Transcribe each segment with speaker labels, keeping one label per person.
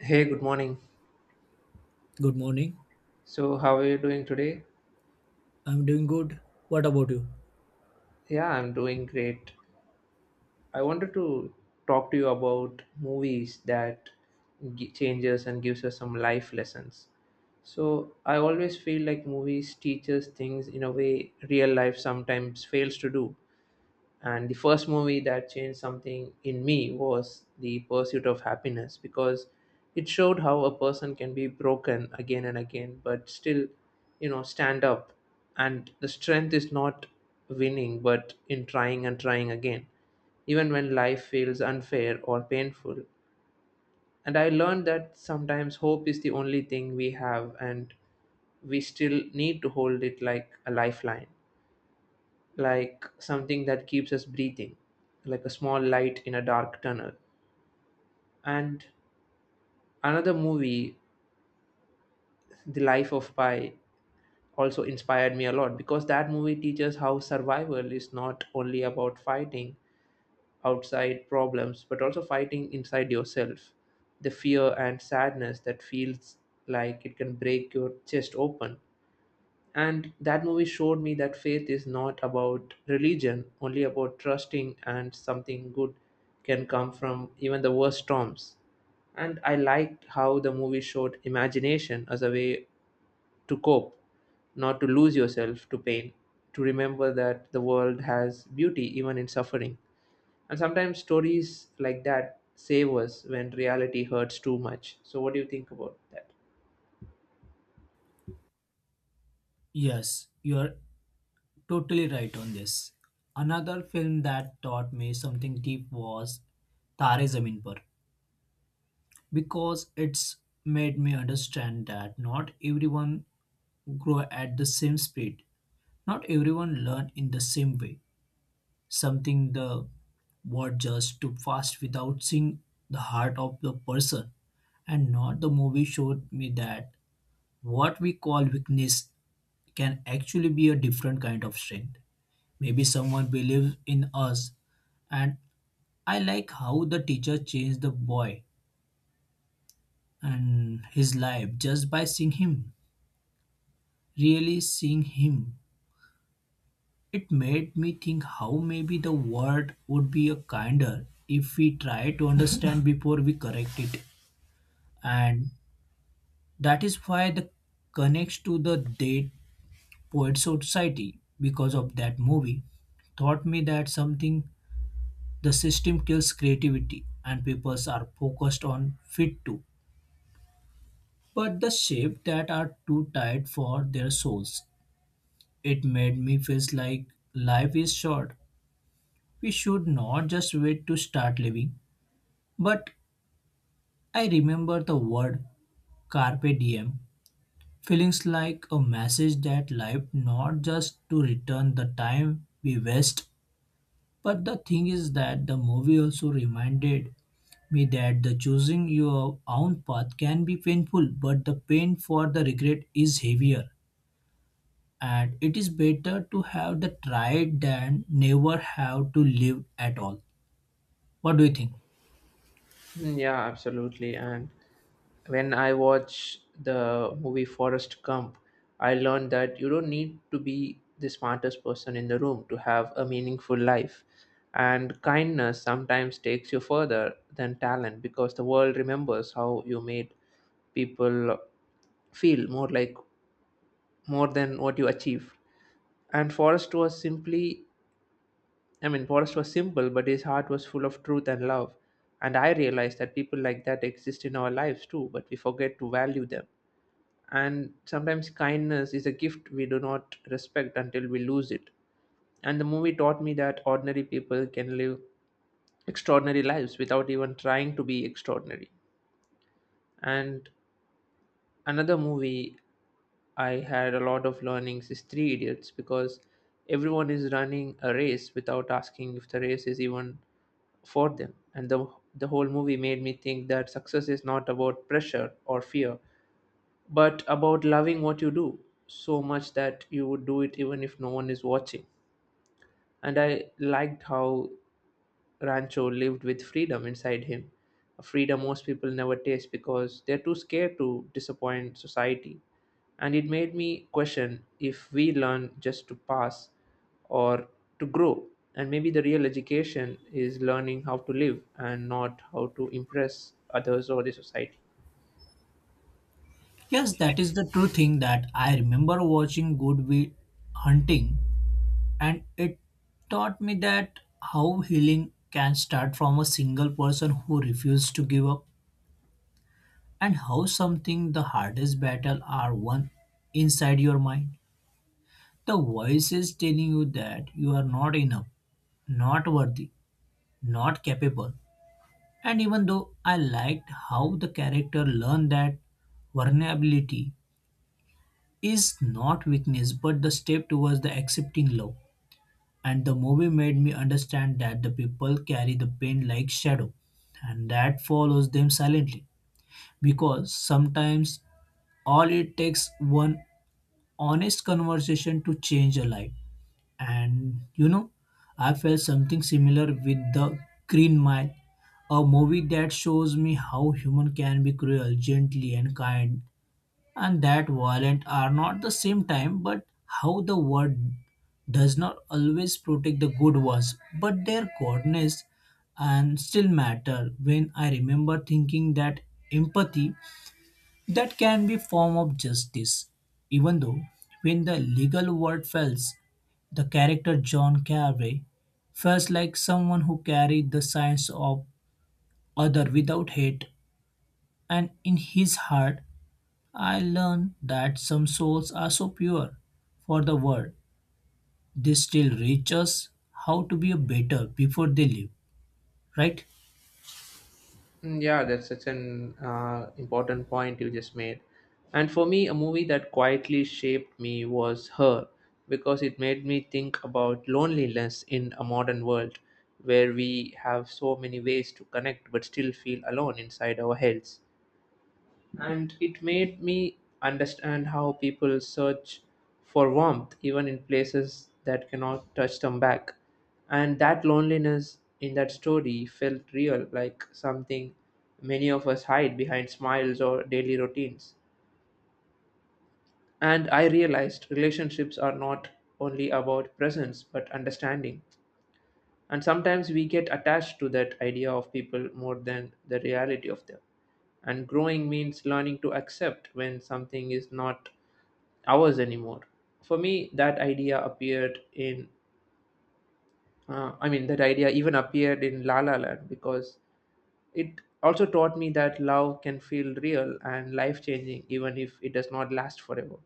Speaker 1: Hey, good morning.
Speaker 2: Good morning.
Speaker 1: So, how are you doing today?
Speaker 2: I'm doing good. What about you?
Speaker 1: Yeah, I'm doing great. I wanted to talk to you about movies that changes and gives us some life lessons. So, I always feel like movies teach us things in a way real life sometimes fails to do. And the first movie that changed something in me was the pursuit of happiness because it showed how a person can be broken again and again but still stand up, and the strength is not winning but in trying and trying again, even when life feels unfair or painful. And I learned that sometimes hope is the only thing we have and we still need to hold it like a lifeline, like something that keeps us breathing, like a small light in a dark tunnel. And another movie, The Life of Pi, also inspired me a lot because that movie teaches how survival is not only about fighting outside problems but also fighting inside yourself. The fear and sadness that feels like it can break your chest open. And that movie showed me that faith is not about religion, only about trusting and something good can come from even the worst storms. And I liked how the movie showed imagination as a way to cope, not to lose yourself to pain, to remember that the world has beauty even in suffering. And sometimes stories like that save us when reality hurts too much. So, what do you think about that?
Speaker 2: Yes, you are totally right on this. Another film that taught me something deep was Tare Zameen Par because it's made me understand that not everyone grow at the same speed. Not everyone learn in the same way. Something the word just too fast without seeing the heart of the person. And not the movie showed me that what we call weakness can actually be a different kind of strength. Maybe someone believes in us, and I like how the teacher changed the boy and his life just by seeing him. Really seeing him, it made me think how maybe the world would be a kinder if we try to understand before we correct it. And that is why the connects to the date Poet Society, because of that movie, taught me that something the system kills creativity and peoples are focused on fit too. But the shape that are too tight for their souls. It made me feel like life is short. We should not just wait to start living. But I remember the word carpe diem feelings like a message that life not just to return the time we waste. But the thing is that the movie also reminded me that the choosing your own path can be painful, but the pain for the regret is heavier. And it is better to have the tried than never have to live at all. What do you think?
Speaker 1: Yeah, absolutely. And when I watch the movie Forrest Gump, I learned that you don't need to be the smartest person in the room to have a meaningful life. And kindness sometimes takes you further than talent because the world remembers how you made people feel more like more than what you achieved. And Forrest was simply, I mean, Forrest was simple, but his heart was full of truth and love. And I realized that people like that exist in our lives too, but we forget to value them, and sometimes kindness is a gift we do not respect until we lose it. And the movie taught me that ordinary people can live extraordinary lives without even trying to be extraordinary. And another movie I had a lot of learnings is Three Idiots because everyone is running a race without asking if the race is even for them. And the whole movie made me think that success is not about pressure or fear, but about loving what you do so much that you would do it even if no one is watching. And I liked how Rancho lived with freedom inside him, a freedom most people never taste because they're too scared to disappoint society. And it made me question if we learn just to pass or to grow. And maybe the real education is learning how to live and not how to impress others or the society.
Speaker 2: Yes, that is the true thing that I remember watching Good Will Hunting, and it taught me that how healing can start from a single person who refused to give up and how something the hardest battle are won inside your mind. The voice is telling you that you are not enough, not worthy, not capable. And even though I liked how the character learned that vulnerability is not weakness but the step towards the accepting love. And the movie made me understand that the people carry the pain like shadow and that follows them silently, because sometimes all it takes one honest conversation to change a life. And you know, I felt something similar with the Green Mile, a movie that shows me how human can be cruel, gently and kind, and that violent are not the same time, but how the world does not always protect the good ones, but their goodness and still matter when I remember thinking that empathy that can be form of justice, even though when the legal word fails, the character John Carey feels like someone who carried the science of other without hate, and in his heart, I learned that some souls are so pure for the world, they still reach us how to be a better before they leave, right?
Speaker 1: Yeah, that's such an important point you just made. And for me, a movie that quietly shaped me was Her, because it made me think about loneliness in a modern world where we have so many ways to connect but still feel alone inside our heads, and it made me understand how people search for warmth even in places that cannot touch them back. And that loneliness in that story felt real, like something many of us hide behind smiles or daily routines. And I realized relationships are not only about presence but understanding, and sometimes we get attached to that idea of people more than the reality of them, and growing means learning to accept when something is not ours anymore. For me that idea even appeared in la la land, because it also taught me that love can feel real and life changing even if it does not last forever,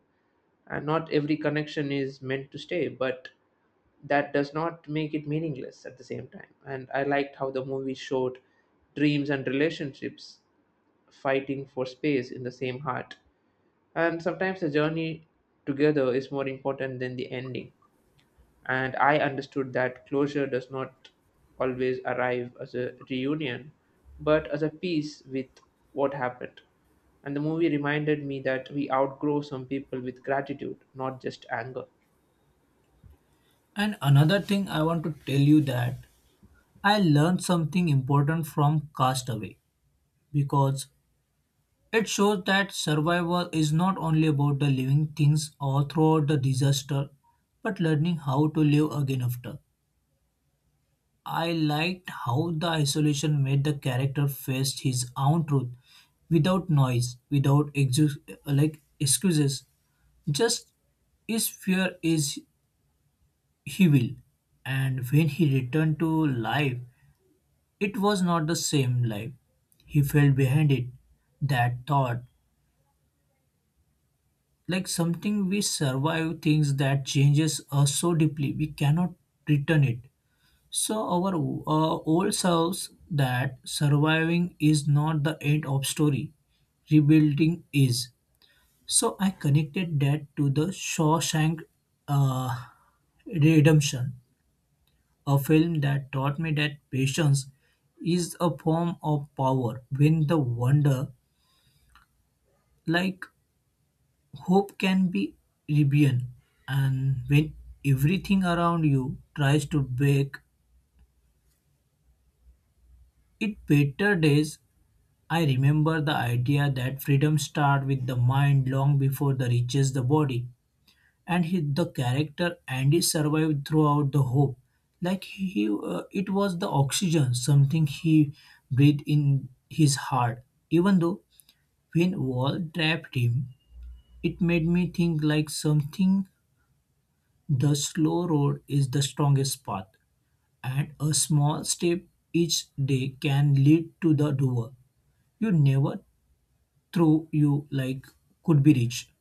Speaker 1: and not every connection is meant to stay, but that does not make it meaningless at the same time. And I liked how the movie showed dreams and relationships fighting for space in the same heart, and sometimes the journey together is more important than the ending. And I understood that closure does not always arrive as a reunion, but as a peace with what happened. And the movie reminded me that we outgrow some people with gratitude, not just anger.
Speaker 2: And another thing I want to tell you that I learned something important from Castaway because it shows that survival is not only about the living things or throughout the disaster, but learning how to live again after. I liked how the isolation made the character face his own truth without noise, without exu- like excuses. Just his fear is he will. And when he returned to life, it was not the same life. He fell behind it. That thought like something we survive things that changes us so deeply we cannot return it so our old selves that surviving is not the end of story, rebuilding is. So I connected that to the Shawshank uh, Redemption, a film that taught me that patience is a form of power when the wonder like hope can be rebellion, and when everything around you tries to make it better days, I remember the idea that freedom starts with the mind long before the reaches the body. And he, the character Andy survived throughout the hope, like he, it was the oxygen, something he breathed in his heart. Even though when wall trapped him, it made me think like something the slow road is the strongest path, and a small step each day can lead to the door you never thought you like could be reached.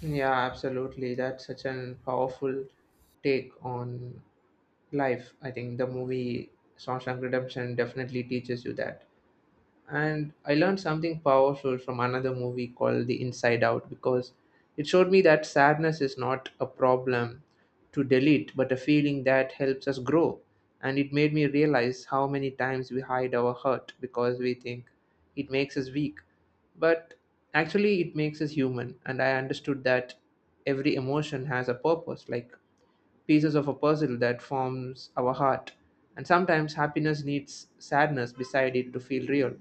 Speaker 1: Yeah, absolutely. That's such an powerful take on life. I think the movie Shawshank Redemption definitely teaches you that. And I learned something powerful from another movie called The Inside Out, because it showed me that sadness is not a problem to delete but a feeling that helps us grow. And it made me realize how many times we hide our hurt because we think it makes us weak, but actually it makes us human. And I understood that every emotion has a purpose, like pieces of a puzzle that forms our heart, and sometimes happiness needs sadness beside it to feel real.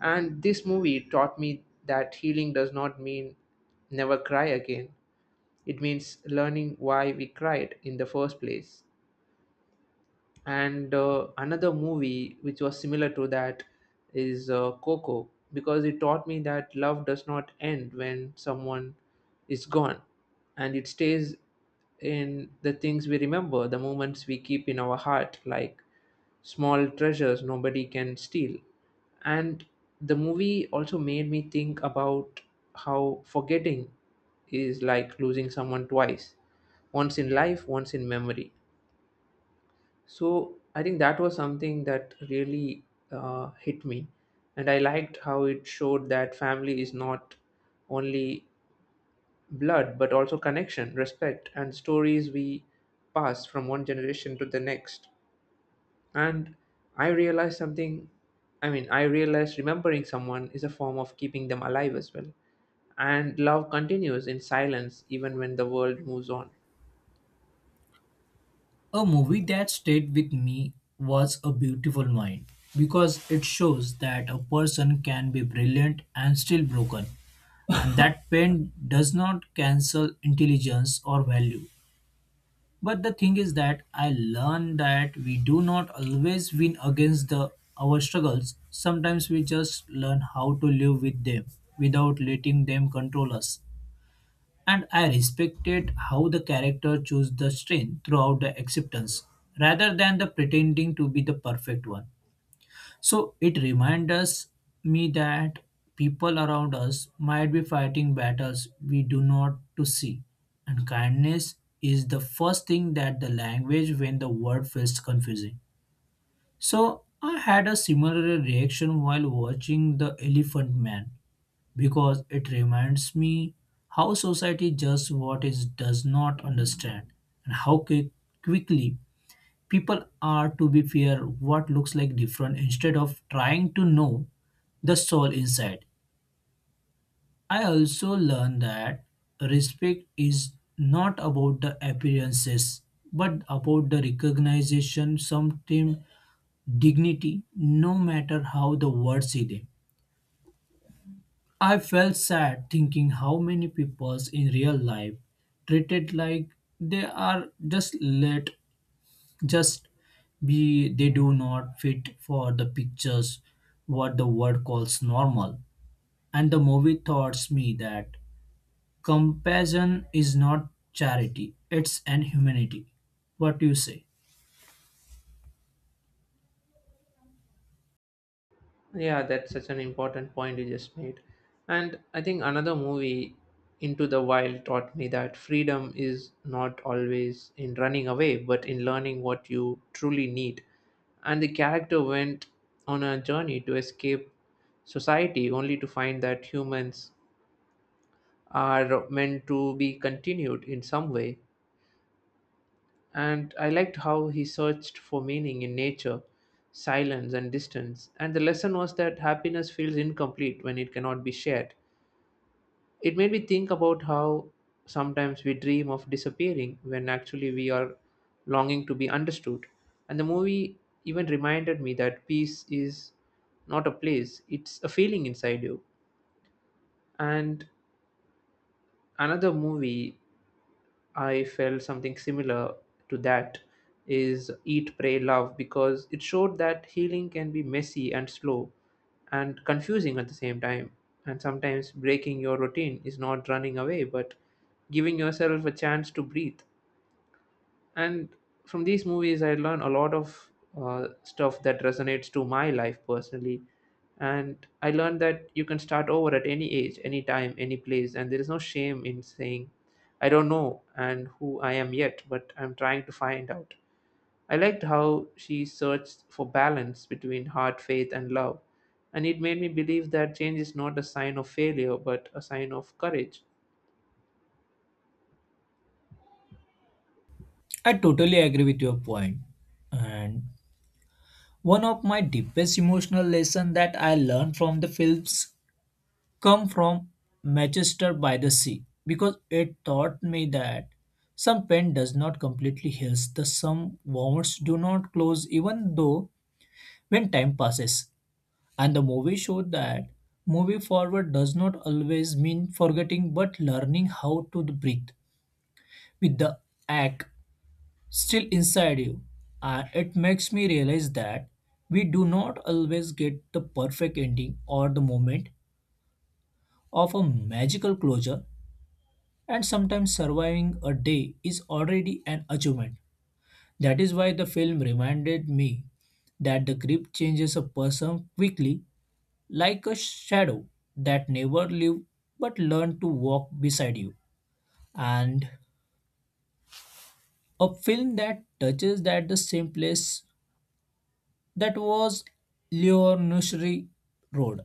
Speaker 1: And this movie taught me that healing does not mean never cry again. It means learning why we cried in the first place. And another movie which was similar to that is Coco, because it taught me that love does not end when someone is gone, and it stays in the things we remember, the moments we keep in our heart, like small treasures nobody can steal. And the movie also made me think about how forgetting is like losing someone twice, once in life, once in memory. So I think that was something that really hit me. And I liked how it showed that family is not only blood, but also connection, respect, and stories we pass from one generation to the next. And I realized something I mean I realized remembering someone is a form of keeping them alive as well, and love continues in silence even when the world moves on.
Speaker 2: A movie that stayed with me was A Beautiful Mind because it shows that a person can be brilliant and still broken, and that pain does not cancel intelligence or value. But the thing is that I learned that we do not always win against the our struggles. Sometimes we just learn how to live with them without letting them control us. And I respected how the character chose the strain throughout the acceptance rather than the pretending to be the perfect one. So it reminds us me that people around us might be fighting battles we do not to see. And kindness is the first thing that the language when the word feels confusing. So I had a similar reaction while watching The Elephant Man because it reminds me how society judges what it does not understand and how quickly people are to be fair what looks like different instead of trying to know the soul inside. I also learned that respect is not about the appearances but about the recognition, sometimes dignity, no matter how the world see them. I felt sad thinking how many people in real life treated like they are just be they do not fit for the pictures what the world calls normal. And the movie taught me that compassion is not charity, it's an humanity. What do you say?
Speaker 1: Yeah, that's such an important point you just made. And I think another movie, Into the Wild, taught me that freedom is not always in running away but in learning what you truly need. And the character went on a journey to escape society only to find that humans are meant to be continued in some way. And I liked how he searched for meaning in nature, silence, and distance. And the lesson was that happiness feels incomplete when it cannot be shared. It made me think about how sometimes we dream of disappearing when actually we are longing to be understood. And the movie even reminded me that peace is not a place, it's a feeling inside you. And another movie I felt something similar to that is Eat, Pray, Love, because it showed that healing can be messy and slow and confusing at the same time. And sometimes breaking your routine is not running away but giving yourself a chance to breathe. And from these movies I learn a lot of stuff that resonates to my life personally. And I learned that you can start over at any age, any time, any place, and there is no shame in saying I don't know and who I am yet, but I'm trying to find out. I liked how she searched for balance between heart, faith and love, and it made me believe that change is not a sign of failure but a sign of courage.
Speaker 2: I totally agree with your point. And one of my deepest emotional lesson that I learned from the films come from Manchester by the Sea because it taught me that some pain does not completely heal, the some wounds do not close even though when time passes. And the movie showed that moving forward does not always mean forgetting but learning how to breathe with the ache still inside you. And it makes me realize that we do not always get the perfect ending or the moment of a magical closure, and sometimes surviving a day is already an achievement. That is why the film reminded me that the grip changes a person quickly, like a shadow that never lived but learned to walk beside you. And a film that touches that the same place that was Leo Nursery Road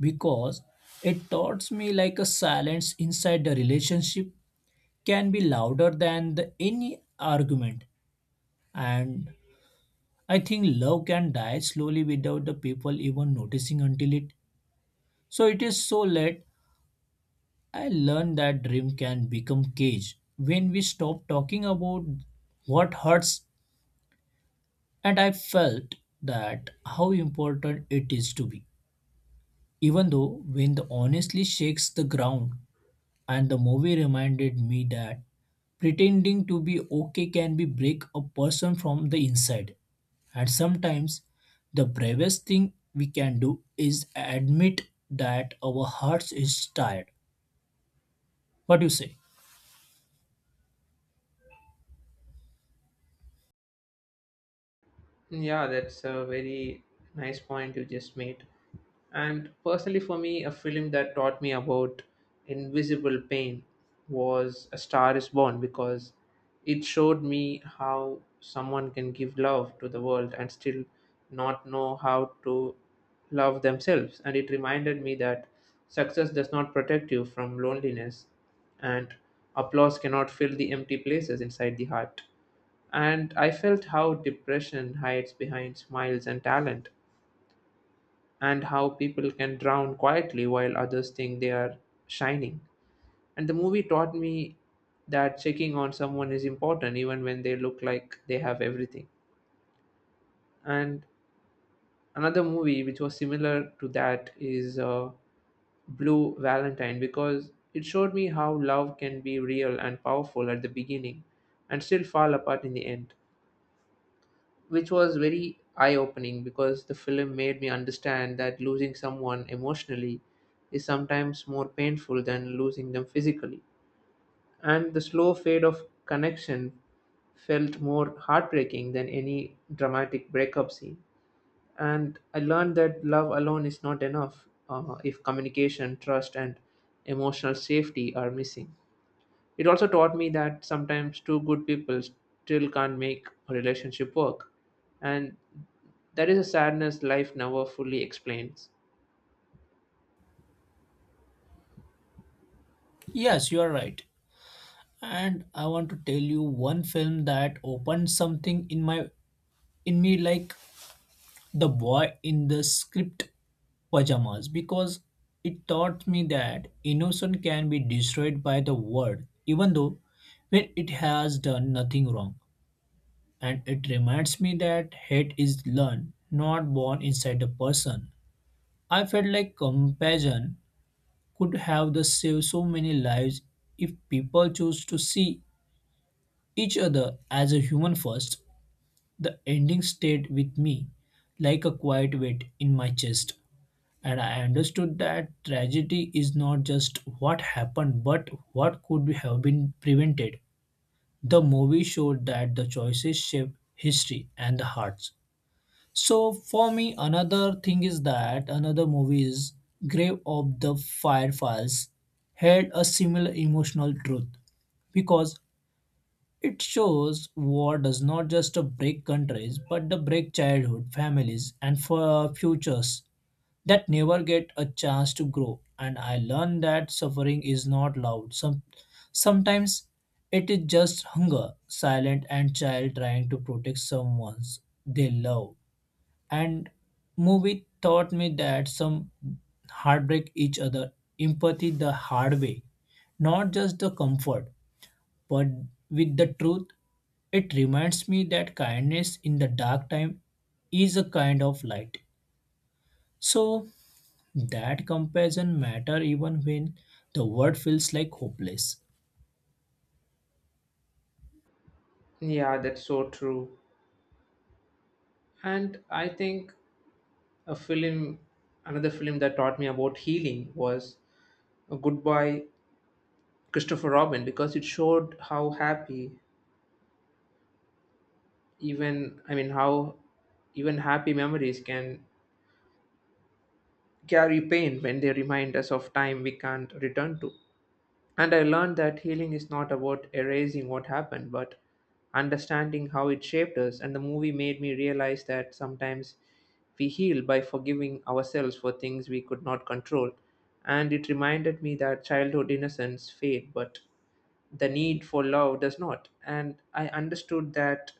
Speaker 2: because it taught me like a silence inside the relationship can be louder than the any argument, and I think love can die slowly without the people even noticing until it. So it is so late. I learned that dream can become cage when we stop talking about what hurts, and I felt that how important it is to be. Even though when the honestly shakes the ground, and the movie reminded me that pretending to be okay can be break a person from the inside. And sometimes the bravest thing we can do is admit that our hearts is tired. What do you say?
Speaker 1: Yeah, that's a very nice point you just made. And personally, for me, a film that taught me about invisible pain was A Star is Born, because it showed me how someone can give love to the world and still not know how to love themselves. And it reminded me that success does not protect you from loneliness, and applause cannot fill the empty places inside the heart. And I felt how depression hides behind smiles and talent, and how people can drown quietly while others think they are shining. And the movie taught me that checking on someone is important even when they look like they have everything. And another movie which was similar to that is Blue Valentine, because it showed me how love can be real and powerful at the beginning and still fall apart in the end. Which was very eye opening, because the film made me understand that losing someone emotionally is sometimes more painful than losing them physically. And the slow fade of connection felt more heartbreaking than any dramatic breakup scene. And I learned that love alone is not enough if communication, trust, and emotional safety are missing. It also taught me that sometimes two good people still can't make a relationship work, and that is a sadness life never fully explains.
Speaker 2: Yes, you are right. And I want to tell you one film that opened something in my in me like The Boy in the Script Pajamas because it taught me that innocence can be destroyed by the word, even though when it has done nothing wrong. And it reminds me that hate is learned, not born inside a person. I felt like compassion could have the saved so many lives if people chose to see each other as a human first. The ending stayed with me like a quiet weight in my chest. And I understood that tragedy is not just what happened, but what could have been prevented. The movie showed that the choices shape history and the hearts. So, for me, another thing is that another movie is Grave of the Fireflies had a similar emotional truth because it shows war does not just break countries, but the break childhood, families, and for futures that never get a chance to grow. And I learned that suffering is not loud. Sometimes it is just hunger, silent and child trying to protect someone they love. And movie taught me that some heartbreak each other, empathy the hard way, not just the comfort. But with the truth, it reminds me that kindness in the dark time is a kind of light. So that comparison matter even when the world feels like hopeless.
Speaker 1: Yeah, that's so true. And I think a film, another film that taught me about healing was a Goodbye Christopher Robin because it showed how happy, how even happy memories can carry pain when they remind us of time we can't return to. And I learned that healing is not about erasing what happened, but understanding how it shaped us. And the movie made me realize that sometimes we heal by forgiving ourselves for things we could not control. And it reminded me that childhood innocence fade, but the need for love does not. And I understood that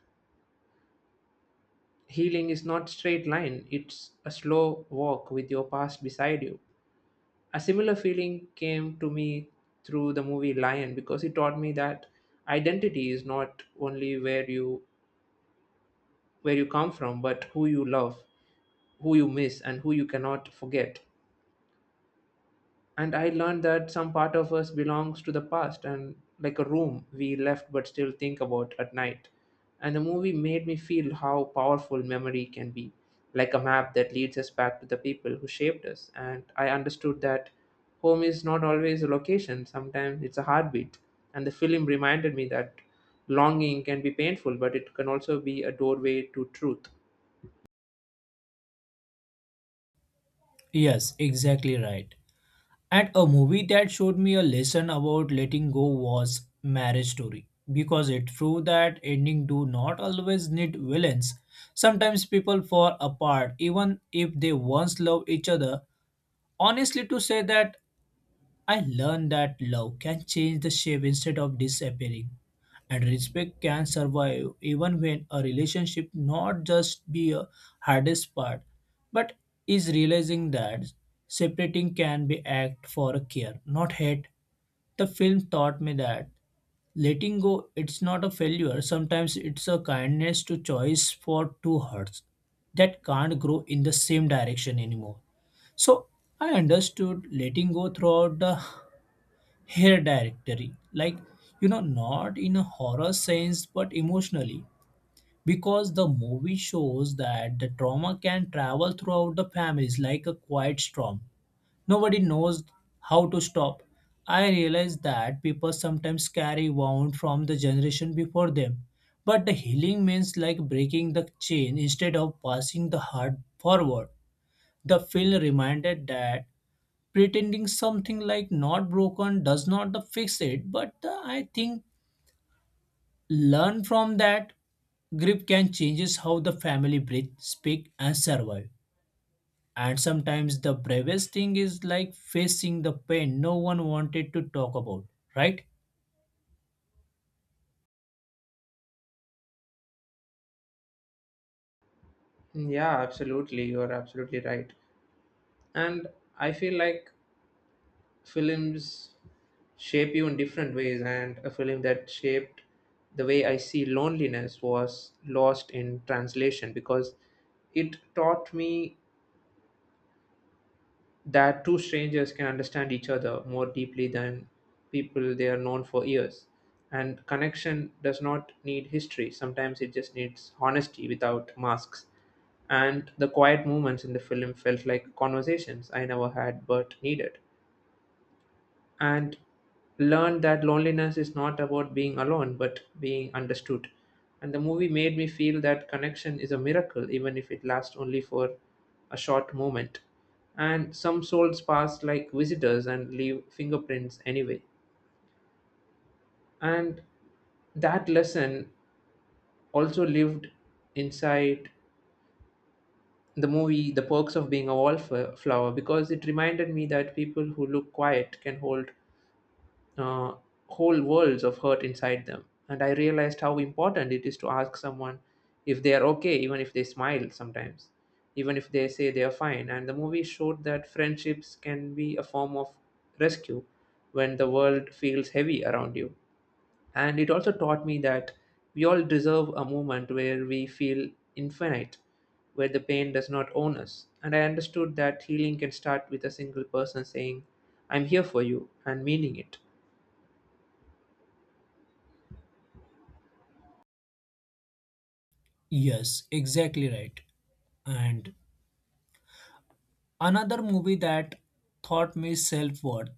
Speaker 1: healing is not straight line, it's a slow walk with your past beside you. A similar feeling came to me through the movie Lion because it taught me that identity is not only where you come from but who you love, who you miss and who you cannot forget. And I learned that some part of us belongs to the past and like a room we left but still think about at night. And the movie made me feel how powerful memory can be, like a map that leads us back to the people who shaped us. And I understood that home is not always a location, sometimes it's a heartbeat. And the film reminded me that longing can be painful but it can also be a doorway to truth.
Speaker 2: Yes, exactly right. And a movie that showed me a lesson about letting go was Marriage Story because it proved that ending do not always need villains. Sometimes people fall apart even if they once love each other. Honestly to say that I learned that love can change the shape instead of disappearing, and respect can survive even when a relationship not just be a hardest part, but is realizing that separating can be act for a care, not hate. The film taught me that letting go it's not a failure, sometimes it's a kindness to choice for two hearts that can't grow in the same direction anymore. So I understood letting go throughout the hair directory, like you know not in a horror sense but emotionally, because the movie shows that the trauma can travel throughout the families like a quiet storm nobody knows how to stop. I realize that people sometimes carry wound from the generation before them, but the healing means like breaking the chain instead of passing the heart forward. The film reminded that pretending something like not broken does not the fix it, but I think learn from that grip can changes how the family breathe speak and survive, and sometimes the bravest thing is like facing the pain no one wanted to talk about, right?
Speaker 1: Mm, yeah, absolutely, you're absolutely right. And I feel like films shape you in different ways, and a film that shaped the way I see loneliness was Lost in Translation because it taught me that two strangers can understand each other more deeply than people they are known for years. And connection does not need history, sometimes it just needs honesty without masks. And the quiet moments in the film felt like conversations I never had but needed. And learned that loneliness is not about being alone but being understood. And the movie made me feel that connection is a miracle even if it lasts only for a short moment, and some souls pass like visitors and leave fingerprints anyway. And that lesson also lived inside the movie The Perks of Being a Wallflower because it reminded me that people who look quiet can hold uh, whole worlds of hurt inside them. And I realized how important it is to ask someone if they are okay, even if they smile sometimes, even if they say they are fine. And the movie showed that friendships can be a form of rescue when the world feels heavy around you. And it also taught me that we all deserve a moment where we feel infinite, where the pain does not own us. And I understood that healing can start with a single person saying, "I'm here for you," and meaning it.
Speaker 2: Yes, exactly right. And another movie that taught me self worth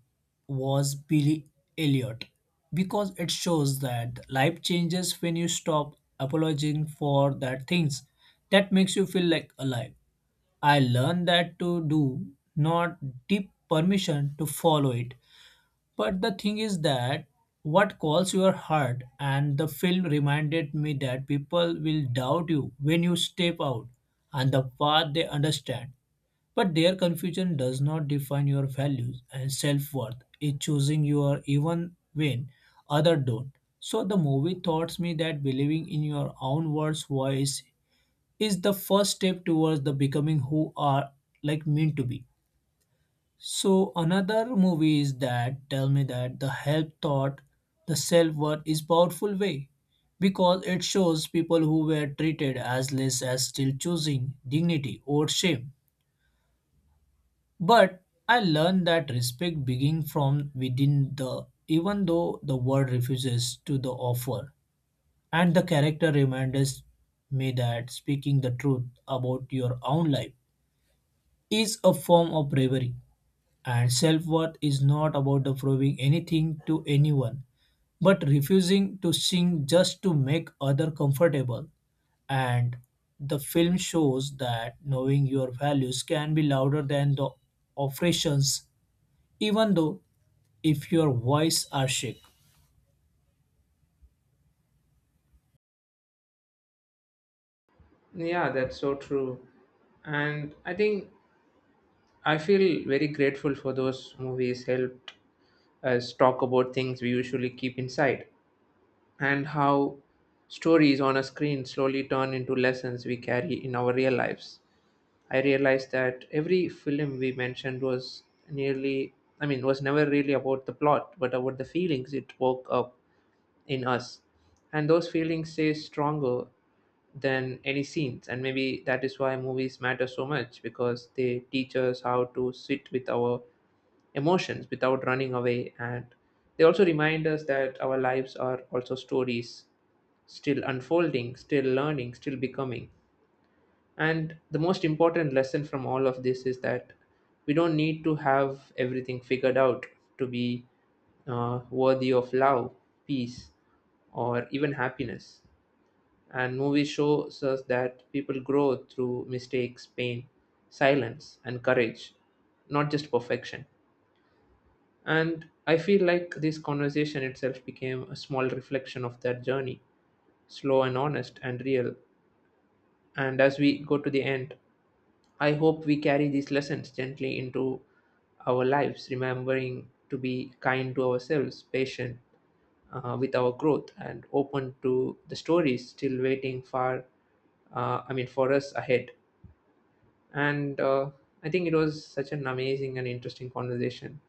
Speaker 2: was Billy Elliot because it shows that life changes when you stop apologizing for that things that makes you feel like alive. I learned that to do not deep permission to follow it. But the thing is that what calls your heart, and the film reminded me that people will doubt you when you step out on the path they understand. But their confusion does not define your values, and self-worth is choosing your even when others don't. So the movie taught me that believing in your own words voice is the first step towards the becoming who are like meant to be. So another movie is that tell me that the help thought the self-worth is powerful way because it shows people who were treated as less as still choosing dignity or shame. But I learned that respect begins from within the even though the world refuses to the offer. And the character reminds me that speaking the truth about your own life is a form of bravery. And self-worth is not about the proving anything to anyone, but refusing to sing just to make other comfortable. And the film shows that knowing your values can be louder than the oppressions, even though if your voice are shook.
Speaker 1: Yeah, that's so true. And I think I feel very grateful for those movies helped us talk about things we usually keep inside, and how stories on a screen slowly turn into lessons we carry in our real lives. I realized that every film we mentioned was nearly I mean was never really about the plot but about the feelings it woke up in us, and those feelings stay stronger than any scenes. And maybe that is why movies matter so much, because they teach us how to sit with our emotions without running away. And they also remind us that our lives are also stories, still unfolding, still learning, still becoming. And the most important lesson from all of this is that we don't need to have everything figured out to be worthy of love, peace, or even happiness. And movies shows us that people grow through mistakes, pain, silence, and courage, not just perfection. And I feel like this conversation itself became a small reflection of that journey, slow and honest and real. And as we go to the end, I hope we carry these lessons gently into our lives, remembering to be kind to ourselves, patient with our growth, and open to the stories still waiting for us ahead. And I think it was such an amazing and interesting conversation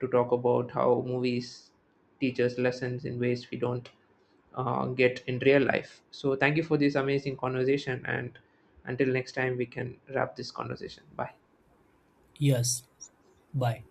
Speaker 1: to talk about how movies teach us lessons in ways we don't get in real life. So thank you for this amazing conversation, and until next time, we can wrap this conversation. Bye.
Speaker 2: Yes, bye.